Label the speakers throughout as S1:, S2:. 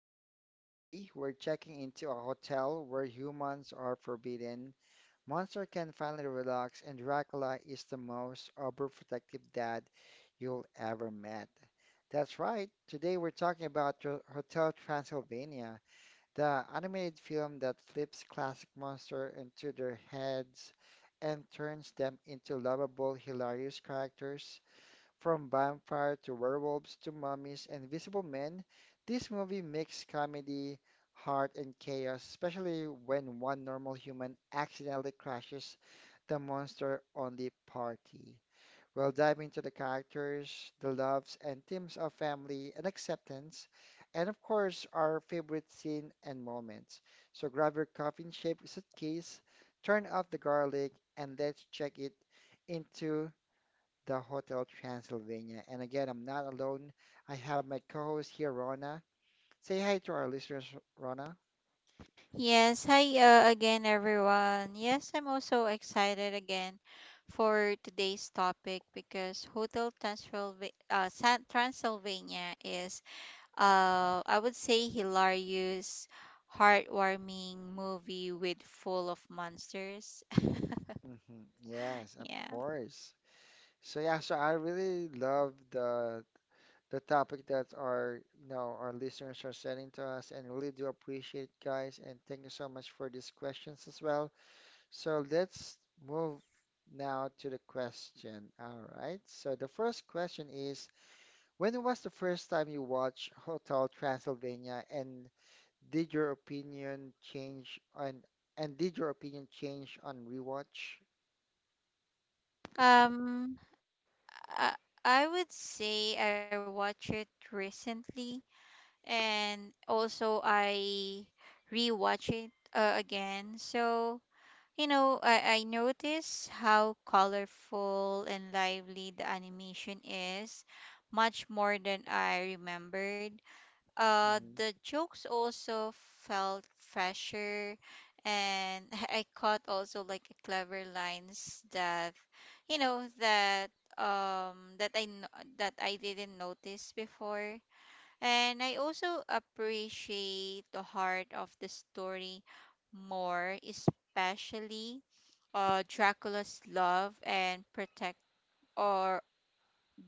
S1: Talks. And today we're checking into a hotel where humans are forbidden, Monster can finally relax, and Dracula is the most overprotective dad you'll ever met. That's right, today we're talking about Hotel Transylvania, the animated film that flips classic monster into their heads and turns them into lovable, hilarious characters from vampire to werewolves to mummies and invisible men, this movie makes comedy, heart, and chaos, especially when one normal human accidentally crashes the monster on the party. We'll dive into the characters, the loves and themes of family and acceptance, and of course, our favorite scene and moments. So grab your coffin shaped suitcase, turn off the garlic, and let's check it into the Hotel Transylvania. And again, I'm not alone. I have my co-host here, Rona. Say hi to our listeners, Rona.
S2: Yes, hi again, everyone. Yes, I'm also excited again for today's topic because Hotel Transylvania, Transylvania is, I would say, hilarious, heartwarming movie with full of monsters.
S1: Hmm. Yes, of
S2: yeah.
S1: course. So yeah, so I really love the topic that our you know our listeners are sending to us, and really do appreciate it, guys. And thank you so much for these questions as well. So let's move now to the question. All right. So the first question is. When was the first time you watched Hotel Transylvania and did your opinion change on and did your opinion change on rewatch?
S2: Um, I, I would say I watched it recently and also I rewatch it again. So, you know, I notice how colorful and lively the animation is, much more than I remembered. Uh,
S1: Mm-hmm.
S2: the jokes also felt fresher, and I caught also like clever lines that, you know, that um that I kn- that I didn't notice before, and I also appreciate the heart of the story more, especially Dracula's love and protect or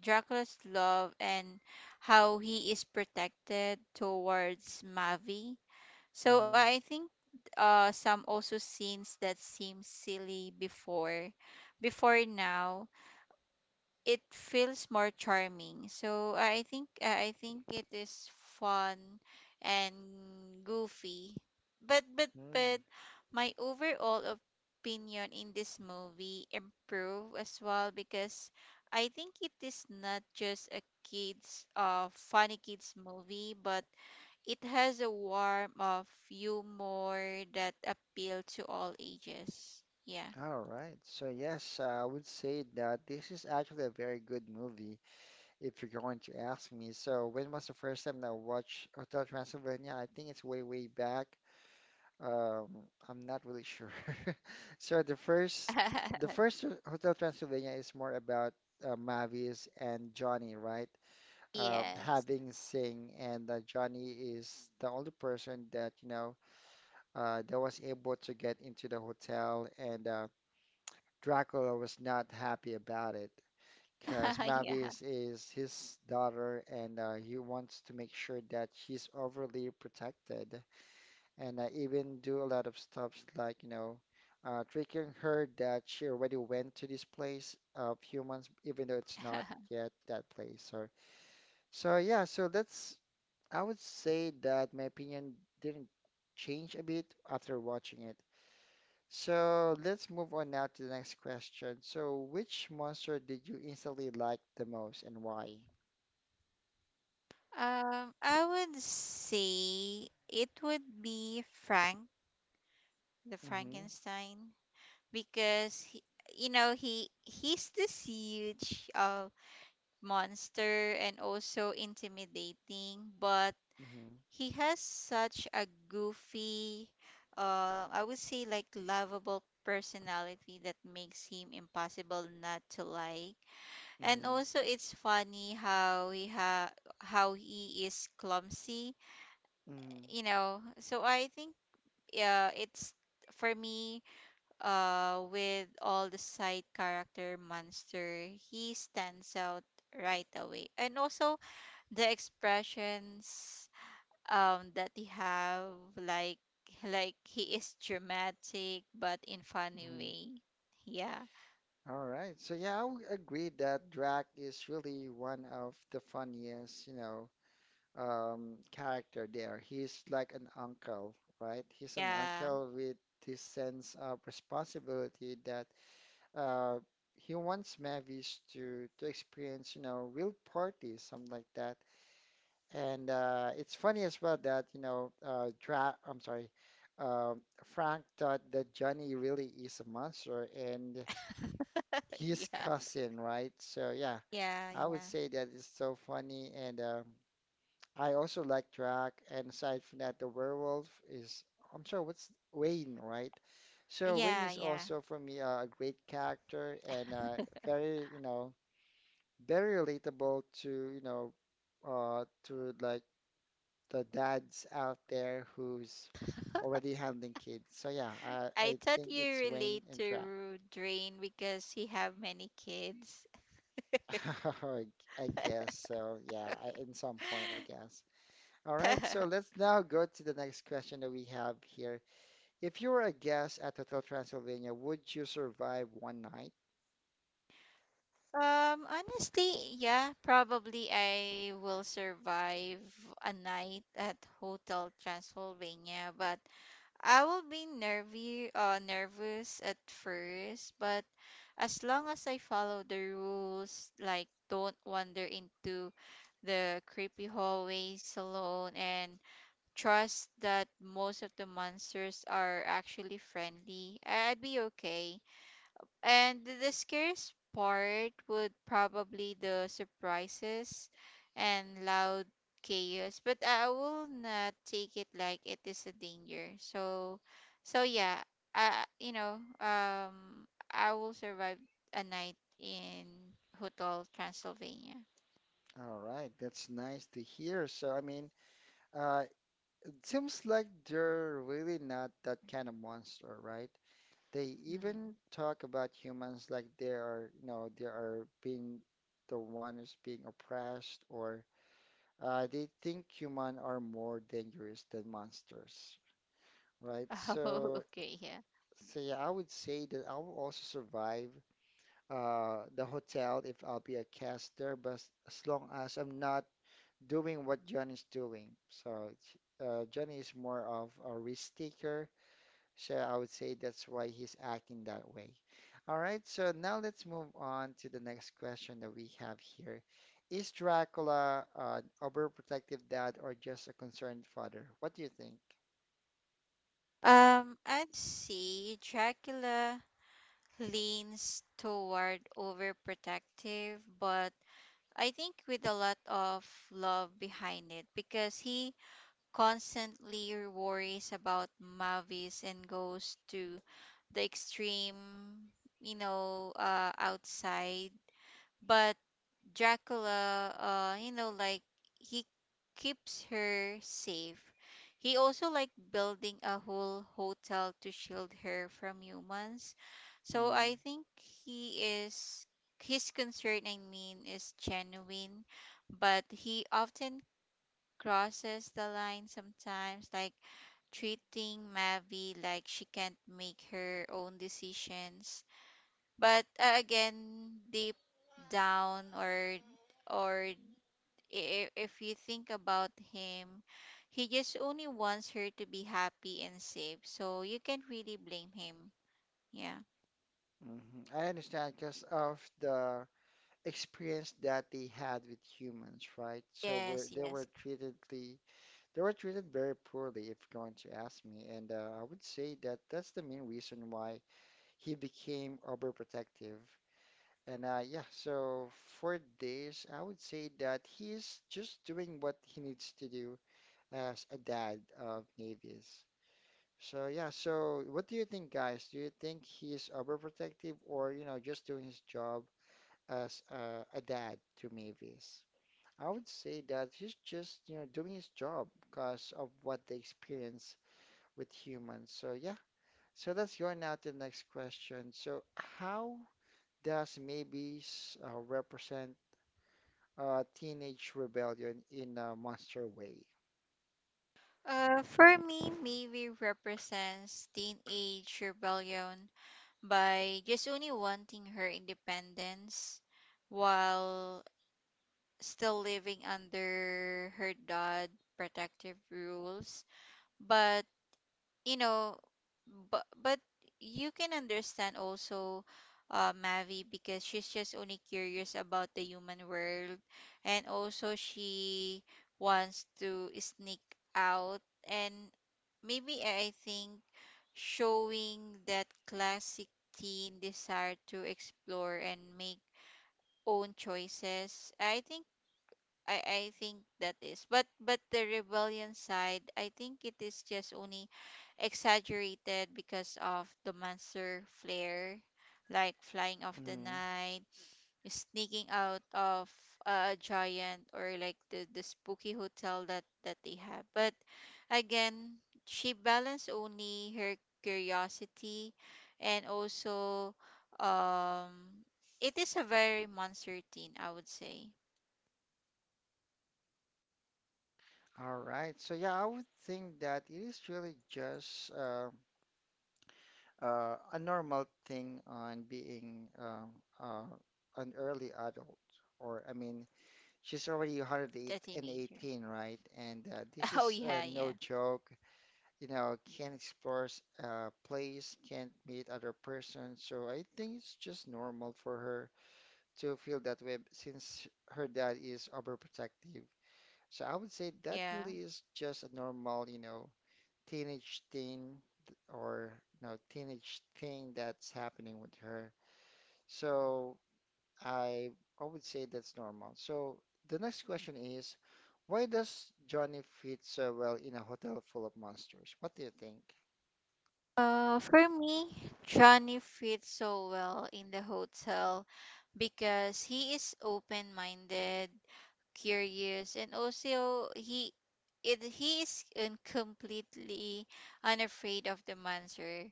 S2: Dracula's love and how he is protected towards Mavi. So I think some also scenes that seem silly before now it feels more charming. So I think it is fun and goofy. But but
S1: Mm-hmm.
S2: but my overall opinion in this movie improved as well because I think it is not just a kids movie, but it has a warm of humor that appeal to all ages. Yeah.
S1: All right. So yes, I would say that this is actually a very good movie if you're going to ask me. So when was the first time that I watched Hotel Transylvania? I think it's way, way back. Um, I'm not really sure. So the first Hotel Transylvania is more about Mavis and Johnny, right?
S2: yes.
S1: Having Sing, and Johnny is the only person that that was able to get into the hotel, and Dracula was not happy about it because Mavis
S2: yeah.
S1: is his daughter, and he wants to make sure that she's overly protected and I even do a lot of stuff like, tricking her that she already went to this place of humans, even though it's not yet that place. So yeah, I would say that my opinion didn't change a bit after watching it. So let's move on now to the next question. So, which monster did you instantly like the most and why?
S2: I would say it would be Frank, the
S1: Mm-hmm.
S2: Frankenstein, because he he's this huge monster and also intimidating, but
S1: Mm-hmm.
S2: he has such a goofy, I would say like, lovable personality that makes him impossible not to like. And also, it's funny how he is clumsy,
S1: Mm-hmm.
S2: you know. So I think, yeah, it's for me, with all the side character monster, he stands out right away, and also the expressions that he have, like like he is dramatic but in funny
S1: Mm-hmm.
S2: way. Yeah,
S1: All right. So yeah, I would agree that Drac is really one of the funniest, you know, character there. He's like an uncle, right? He's an
S2: yeah.
S1: uncle with this sense of responsibility that uh, he wants Mavis to experience, you know, real parties, something like that. And it's funny as well that, you know, Drac, I'm sorry, Frank thought that Johnny really is a monster and his
S2: yeah
S1: cousin, right? So yeah,
S2: yeah
S1: I would
S2: yeah
S1: say that is so funny, and I also like Drac. And aside from that, the werewolf is I'm sorry, what's Wayne, right? So Wayne
S2: yeah
S1: is
S2: yeah
S1: also for me a great character and very you know very relatable to you know to like the dads out there who's already handling kids. So yeah, I,
S2: I
S1: I
S2: thought
S1: think
S2: you
S1: it's Wayne
S2: relate
S1: and Drac.
S2: to Drain because he have many kids.
S1: I guess so. Yeah, I, in some point, I guess. All right, so let's now go to the next question that we have here. If you were a guest at Hotel Transylvania, would you survive one night?
S2: Honestly, yeah, probably I will survive a night at Hotel Transylvania, but I will be nervous at first. But as long as I follow the rules, like don't wander into the creepy hallways alone and trust that most of the monsters are actually friendly, I'd be okay. And the scariest part would probably the surprises and loud chaos, but I will not take it like it is a danger. So, so yeah, I you know I will survive a night in Hotel Transylvania.
S1: All right, that's nice to hear. So, I mean, uh, it seems like they're really not that kind of monster, right? They
S2: Mm.
S1: even talk about humans like they are, you know, they are being the one who's being oppressed or they think human are more dangerous than monsters, right?
S2: Oh, okay,
S1: So,
S2: yeah.
S1: so yeah, I would say that I will also survive the hotel if I'll be a caster, but as long as I'm not doing what John is doing. So, Johnny is more of a risk taker. So I would say that's why he's acting that way. All right, so now let's move on to the next question that we have here. Is Dracula an overprotective dad or just a concerned father? What do you think?
S2: I'd say Dracula leans toward overprotective, but I think with a lot of love behind it because he constantly worries about Mavis and goes to the extreme, you know, outside. But Dracula, he keeps her safe. He also like building a whole hotel to shield her from humans. So
S1: Hmm.
S2: I think he is, his concern, I mean, is genuine, but he often crosses the line sometimes, like treating Mavi like she can't make her own decisions. But again, deep down, or I- if you think about him, he just only wants her to be happy and safe, so you can't really blame him. Yeah.
S1: Hmm. I understand because of the experience that they had with humans, right?
S2: Yes,
S1: They
S2: yes.
S1: were they were treated very poorly, if you're going to ask me. And I would say that that's the main reason why he became overprotective. And yeah, so for this, I would say that he's just doing what he needs to do as a dad of Mavis. So yeah, so what do you think, guys? Do you think he's overprotective or, you know, just doing his job as a dad to Mavis? I would say that he's just, you know, doing his job because of what they experience with humans. So yeah, so let's go now to the next question. So how does Mavis represent Teenage Rebellion in a Monster Way.
S2: For me, maybe represents teenage rebellion by just only wanting her independence while still living under her dad protective rules. But you know, but you can understand also Mavi, because she's just only curious about the human world, and also she wants to sneak out, and maybe I think showing that classic teen desire to explore and make own choices. I think that is. But the rebellion side, I think it is just only exaggerated because of the monster flare, like flying off the
S1: Mm-hmm.
S2: night, sneaking out of a giant, or like the spooky hotel that they have. But again, she balanced only her curiosity and also, um, it is a very monster teen, I would say.
S1: All right. So yeah, I would think that it is really just a normal thing on being uh, an early adult, or I mean, she's already
S2: The
S1: 108
S2: teenager.
S1: and 18, right? And
S2: Oh
S1: this
S2: yeah,
S1: is
S2: yeah,
S1: no joke. You know, can't explore a place, can't meet other person. So I think it's just normal for her to feel that way since her dad is overprotective. So I would say that
S2: yeah.
S1: really is just a normal, you know, teenage thing or you know, teenage thing that's happening with her. So I I would say that's normal. So the next question is, why does Johnny fit so well in a hotel full of monsters? What do you think?
S2: For me, Johnny fits so well in the hotel because he is open-minded, curious, and also he is completely unafraid of the monster.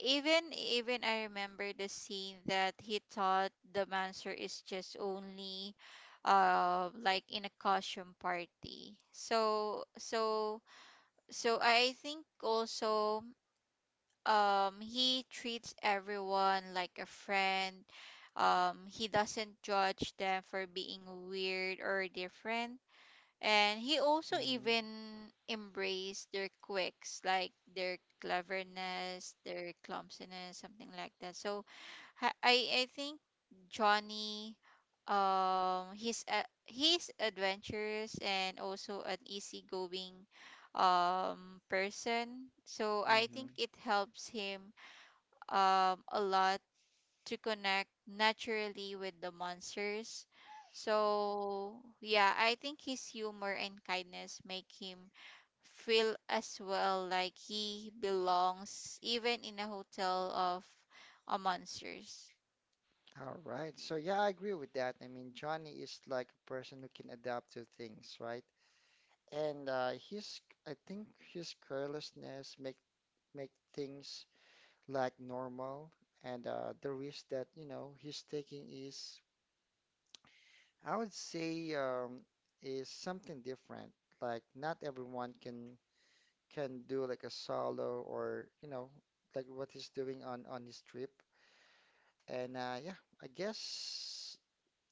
S2: Even I remember the scene that he thought the monster is just only like in a costume party. So I think also, um, he treats everyone like a friend. Um, he doesn't judge them for being weird or different. And he also
S1: Mm-hmm.
S2: even embraced their quirks, like their cleverness, their clumsiness, something like that. So I think Johnny, um, he's adventurous and also an easygoing, um, person. So I
S1: Mm-hmm.
S2: think it helps him, um, a lot to connect naturally with the monsters. So, yeah, I think his humor and kindness make him feel as well like he belongs even in a hotel of a monsters.
S1: All right. So yeah, I agree with that. I mean, Johnny is like a person who can adapt to things, right? And I think his carelessness make things like normal, and the risk that you know he's taking is, I would say, is something different. Like not everyone can do like a solo or you know like what he's doing on his trip. And yeah, I guess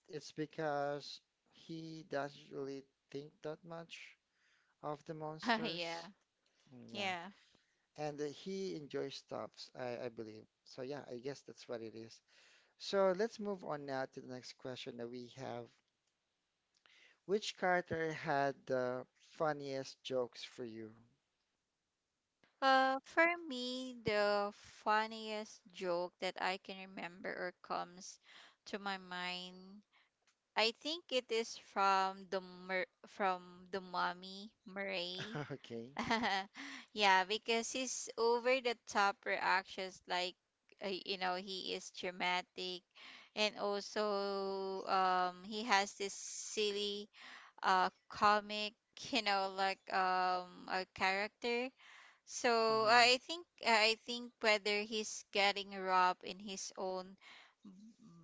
S1: it's because he doesn't really think that much of the
S2: yeah.
S1: monsters. Mm.
S2: Yeah.
S1: Yeah, and he enjoys stuffs, I believe. So yeah, I guess that's what it is. So let's move on now to the next question that we have. Which character had the funniest jokes for you?
S2: For me, the funniest joke that I can remember or comes to my mind, I think it is from the mommy Murray.
S1: Okay.
S2: Yeah, because his over the top reactions, like, you know, he is dramatic, and also, he has this silly, comic, you know, like, a character. So
S1: Mm-hmm.
S2: I think whether he's getting robbed in his own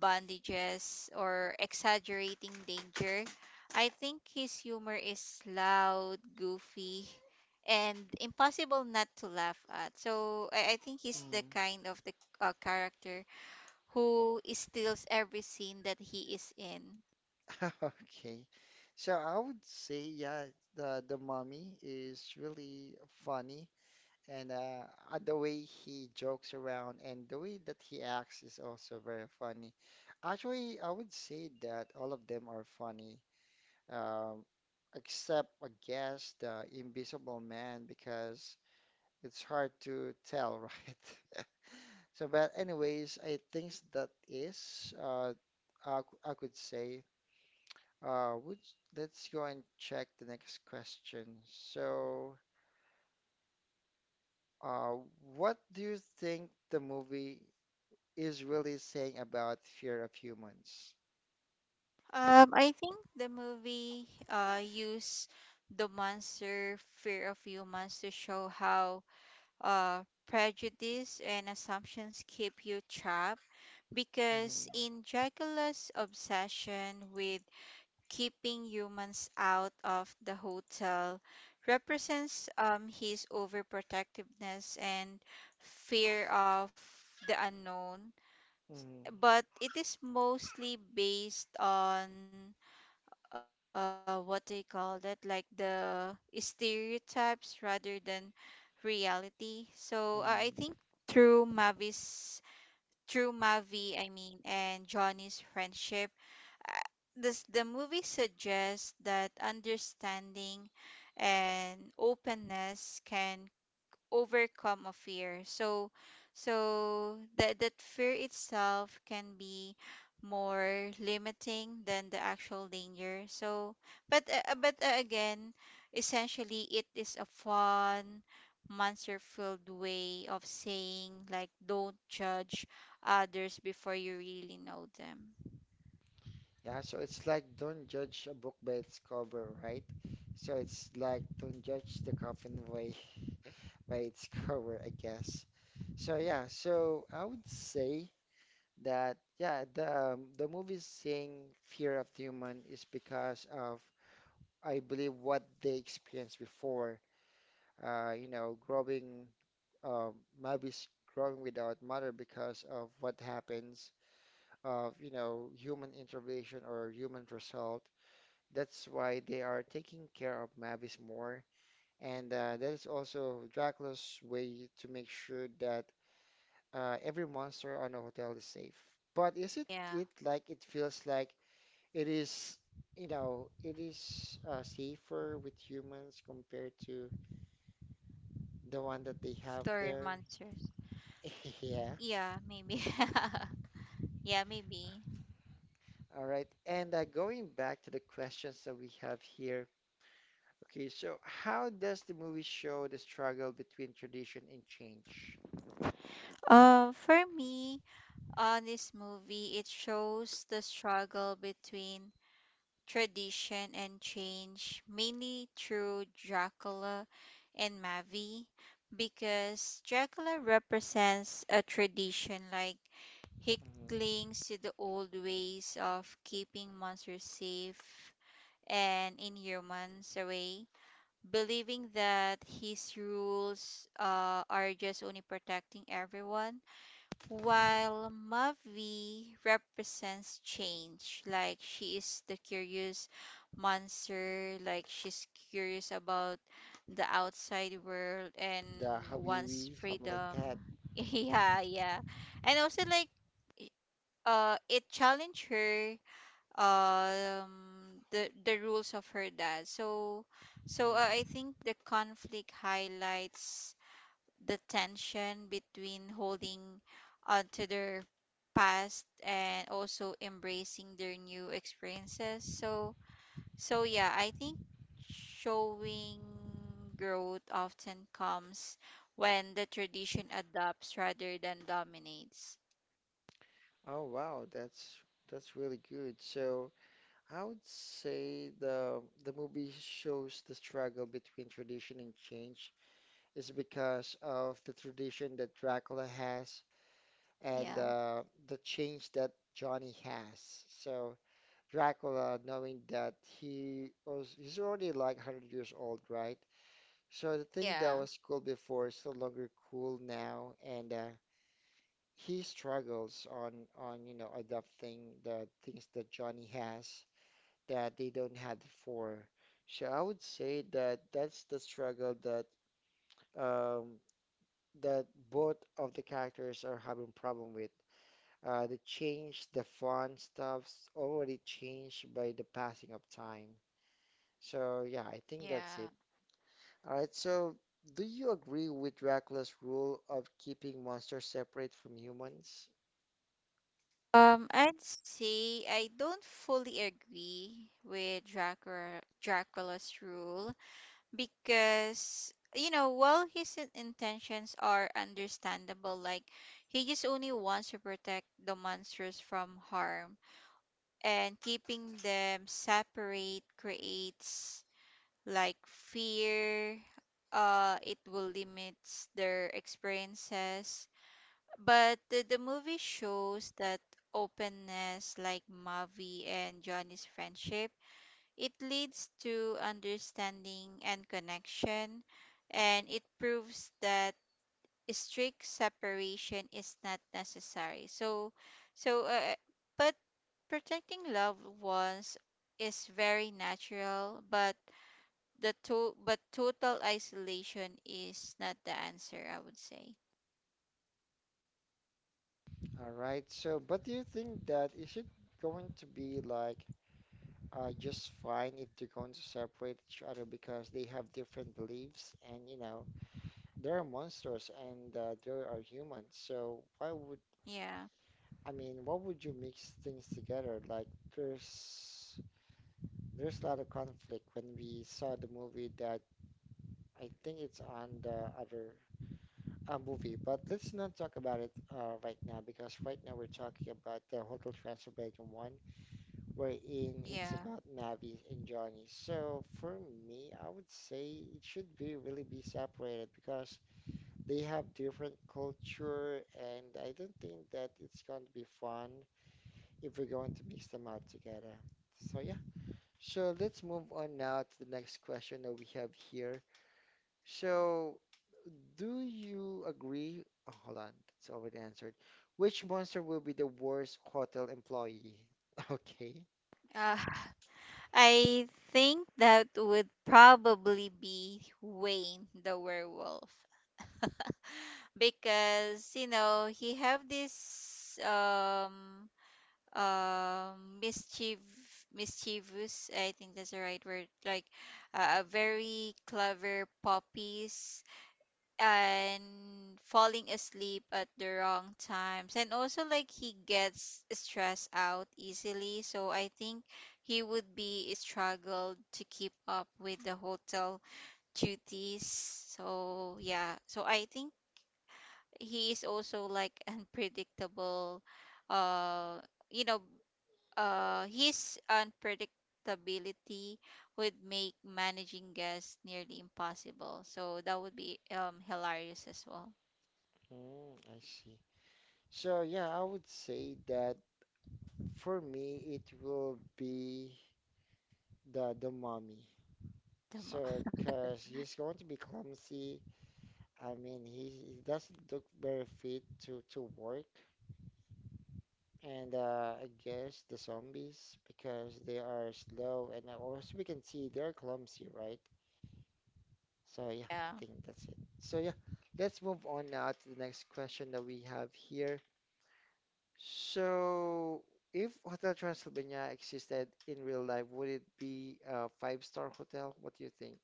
S2: bandages or exaggerating danger, I think his humor is loud, goofy, and impossible not to laugh at. So I think he's the
S1: Mm-hmm.
S2: kind of the, character who steals every scene that he is in.
S1: Okay. So I would say, yeah, the mommy is really funny, and the way he jokes around and the way that he acts is also very funny. Actually, I would say that all of them are funny. um, Except I guess the Invisible Man because it's hard to tell, right? So, but anyways, I think that is I could say. Would Let's go and check the next question. So, uh, what do you think the movie is really saying about fear of humans?
S2: I think the movie use the monster fear of humans to show how prejudice and assumptions keep you trapped, because
S1: Mm-hmm.
S2: in Dracula's obsession with keeping humans out of the hotel represents, his overprotectiveness and fear of the unknown,
S1: Mm-hmm.
S2: but it is mostly based on, what they call that, like the stereotypes rather than reality. So I
S1: Mm-hmm.
S2: think through Mavi's, through Mavi, I mean, and Johnny's friendship, uh, this the movie suggests that understanding and openness can overcome a fear, that that fear itself can be more limiting than the actual danger. So but again, essentially it is a fun monster filled way of saying like don't judge others before you really know them.
S1: Yeah, so it's like don't judge a book by its cover, right? So it's like don't judge the coffin by by its cover, I guess. So yeah, so I would say that yeah, the movie saying Fear of the Human is because of I believe what they experienced before. You know, growing um, Mavis growing without mother because of what happens of you know human intervention or human result. That's why they are taking care of Mavis more. And that is also Dracula's way to make sure that every monster on a hotel is safe. But is it it
S2: Yeah,
S1: like it feels like it is, you know, it is safer with humans compared to the one that they have
S2: story
S1: there?
S2: monsters.
S1: Yeah.
S2: Yeah, maybe. Yeah, maybe.
S1: All right. And going back to the questions that we have here. Okay, so how does the movie show the struggle between tradition and change?
S2: For me, on this movie, it shows the struggle between tradition and change, mainly through Dracula and Mavi, because Dracula represents a tradition, like he
S1: Mhm.
S2: clings to the old ways of keeping monsters safe and inhumans away, believing that his rules are just only protecting everyone,
S1: Hmm.
S2: while Mavi represents change, like she is the curious monster, like she's curious about the outside world and
S1: The
S2: wants
S1: Habibi, something like
S2: freedom.
S1: that.
S2: Yeah, yeah. And also like, i- it challenged her, um, the rules of her dad. So I
S1: Mm.
S2: think the conflict highlights the tension between holding on to their past and also embracing their new experiences. So yeah, I think showing growth often comes when the tradition adopts rather than dominates.
S1: Oh wow, that's really good. So I would say the movie shows the struggle between tradition and change is because of the tradition that Dracula has and
S2: Yeah.
S1: the change that Johnny has. So Dracula, knowing that he's already like 100 years old, right? So the thing that
S2: Yeah.
S1: was cool before is no longer cool now, and he struggles on you know adapting the things that Johnny has that they don't have before. So I would say that that's the struggle that um, that both of the characters are having problem with. The change, the fun stuff's already changed by the passing of time. So yeah, I think that's
S2: Yeah.
S1: it. All right, so do you agree with Dracula's rule of keeping monsters separate from humans?
S2: I'd say I don't fully agree with Dracula's rule, because you know, while his intentions are understandable, like he just only wants to protect the monsters from harm, and keeping them separate creates like fear, uh, it will limits their experiences. But the movie shows that openness, like Mavi and Johnny's friendship, it leads to understanding and connection, and it proves that strict separation is not necessary. So, so, uh, but protecting loved ones is very natural, but but total isolation is not the answer, I would say.
S1: All right. So, but do you think that is it going to be like just fine if they're going to separate each other because they have different beliefs and you know there are monsters and there are humans. So why would
S2: Yeah,
S1: why would you mix things together? Like there's there's a lot of conflict when we saw the movie that I think it's on the other movie. But let's not talk about it right now because right now we're talking about the Hotel Transylvania one wherein
S2: yeah.
S1: it's about Navi and Johnny. So for me, I would say it should be really be separated because they have different culture, and I don't think that it's going to be fun if we're going to mix them out together. So yeah. So let's move on now to the next question that we have here. So do you agree? Oh, hold on, it's already answered. Which monster will be the worst hotel employee? Okay.
S2: Uh, I think that would probably be Wayne the werewolf. Because you know he have this, mischief, mischievous, I think that's the right word, like, a very clever puppies, and falling asleep at the wrong times, and also like he gets stressed out easily. So I think he would be struggled to keep up with the hotel duties. So yeah, so I think he is also like, unpredictable. uh you know his unpredictability would make managing guests nearly impossible, so that would be, um, hilarious as well.
S1: Hmm, I see. So yeah, I would say that for me it will be the mommy.
S2: The mo-
S1: So, cause he's going to be clumsy. I mean, he, doesn't look very fit to work, and I guess the zombies because they are slow and also we can see they're clumsy, right?
S2: yeah.
S1: So yeah, I think that's it. So yeah, let's move on now to the next question that we have here. So, if Hotel Transylvania existed in real life, would it be a five-star hotel? What do you think?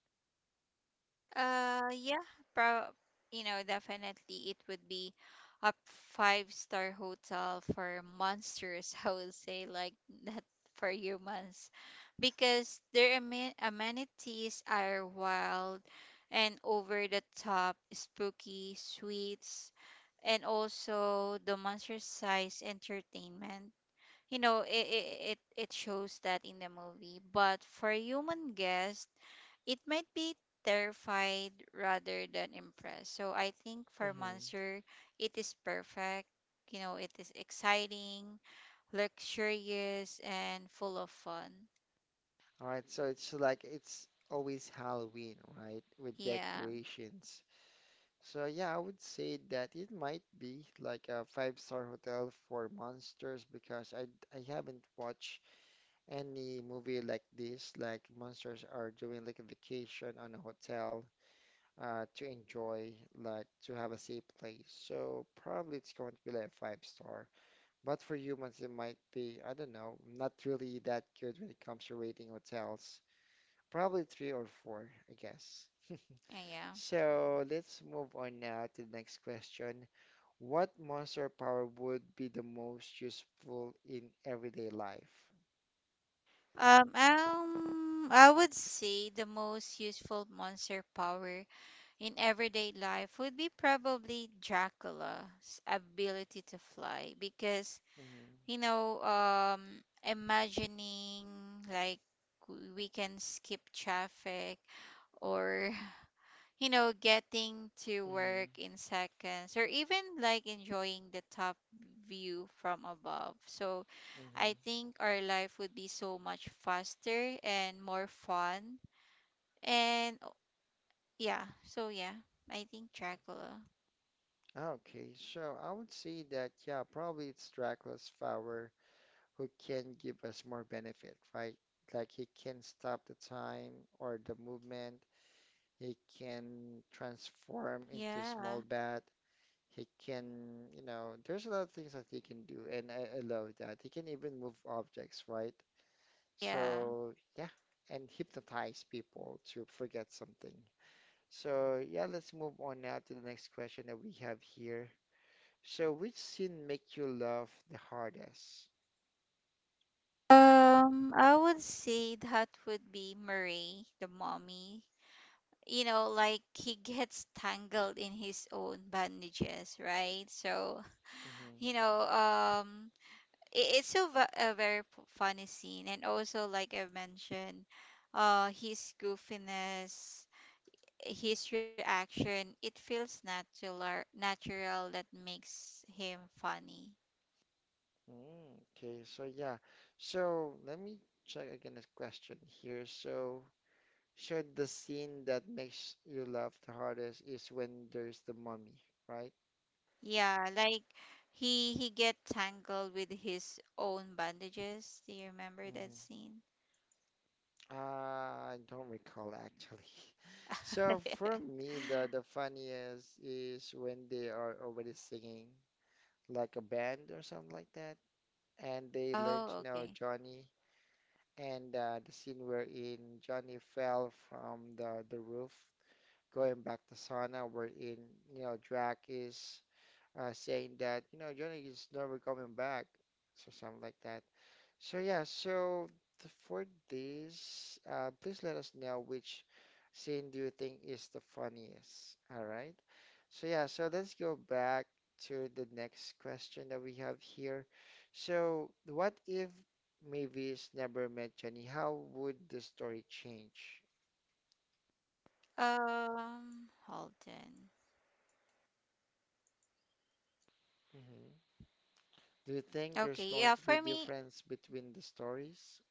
S2: Yeah, pro you know, definitely it would be a five-star hotel for monsters, I would say, like that for humans. Because their amenities are wild and over the top, spooky, sweets, and also the monster size entertainment. You know, it shows that in the movie, but for human guest it might be terrified rather than impressed. So I think for
S1: Hmm.
S2: monster, it is perfect. You know, it is exciting, luxurious, and full of fun.
S1: All right, so it's like it's always Halloween, right? With
S2: Yeah.
S1: decorations. So yeah, I would say that it might be like a five-star hotel for monsters because I haven't watched any movie like this, like monsters are doing like a vacation on a hotel to enjoy, like to have a safe place. So probably it's going to be like a five star. But for humans, it might be, I don't know, I'm not really that good when it comes to rating hotels. Probably three or four, I guess.
S2: Yeah.
S1: So let's move on now to the next question. What monster power would be the most useful in everyday life?
S2: Yeah. I would say the most useful monster power in everyday life would be probably Dracula's ability to fly, because
S1: Mm-hmm,
S2: you know, um, imagining like, we can skip traffic or you know, getting to
S1: mm-hmm,
S2: work in seconds, or even like enjoying the top view from above. So I
S1: mm-hmm.
S2: think our life would be so much faster and more fun. And oh, yeah, so yeah, I think Dracula.
S1: Okay, so I would say that, yeah, probably it's Dracula's power who can give us more benefit, right? Like he can stop the time or the movement. He can transform into
S2: Yeah,
S1: small bat. He can, you know, there's a lot of things that he can do, and I love that. He can even move objects, right?
S2: yeah.
S1: So yeah, and hypnotize people to forget something. So yeah, let's move on now to the next question that we have here. So which scene make you laugh the hardest?
S2: I would say that would be Murray, the mommy. You know, like he gets tangled in his own bandages, right? So,
S1: Mm-hmm.
S2: you know, it's so funny scene, and also like I mentioned, his goofiness, his reaction, it feels natural that makes him funny.
S1: Mm, okay, so yeah. So let me check again this question here. So, so the scene that makes you laugh the hardest is when there's the mummy, right?
S2: Yeah, like he get tangled with his own bandages. Do you remember that
S1: Hmm.
S2: scene?
S1: I don't recall actually. So for me, the funniest is when they are already singing like a band or something like that, and they
S2: Oh,
S1: learn to
S2: okay.
S1: know Johnny, and the scene wherein Johnny fell from the roof going back to Sana, wherein, you know, Drac is saying that, you know, Johnny is never coming back, so something like that. So yeah, so for this, please let us know which scene do you think is the funniest, all right? So yeah, so let's go back to the next question that we have here. So what if Mavis never met Johnny? How would the story change?
S2: Hold on.
S1: Hmm. Do you think
S2: Okay,
S1: there's
S2: yeah,
S1: going
S2: for
S1: to be
S2: me,
S1: difference between the stories?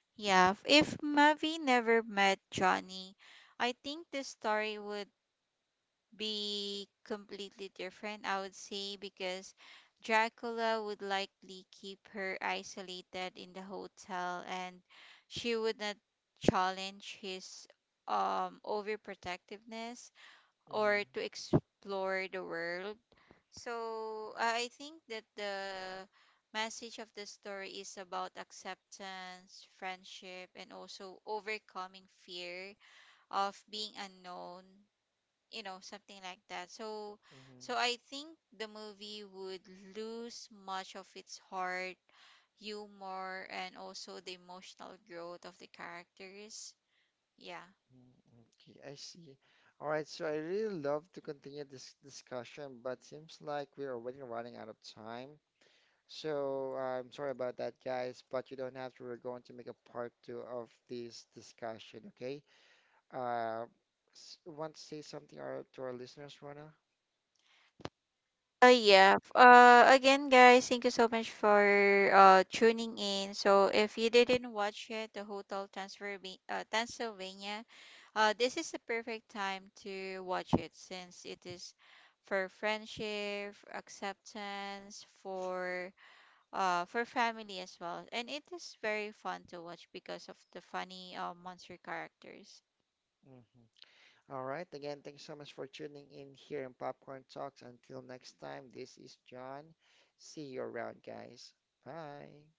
S2: yeah, if Mavi never met Johnny, I think the story would be completely different, I would say, because Dracula would likely keep her isolated in the hotel, and she would not challenge his, um, overprotectiveness,
S1: Mm-hmm.
S2: or to explore the world. So I think that the message of the story is about acceptance, friendship, and also overcoming fear of being unknown, you know, something like that. So so
S1: Mm-hmm.
S2: I think the movie would lose much of its heart, humor, and also the emotional growth of the characters. Yeah.
S1: Mm-hmm, okay, I see. All right, so I really love to continue this discussion, but seems like we're already running out of time. So I'm sorry about that, guys, but you don't have to. We're going to make a part two of this discussion, okay? Uh, want to say something our, to our listeners, Rona?
S2: Again guys, thank you so much for tuning in. So if you didn't watch yet the Hotel Transylvania, Transylvania, uh, this is the perfect time to watch it, since it is for friendship, acceptance, for family as well. And it is very fun to watch because of the funny, monster characters.
S1: Mm-hmm. All right. Again, thanks so much for tuning in here in Popcorn Talks. Until next time, this is John. See you around, guys. Bye.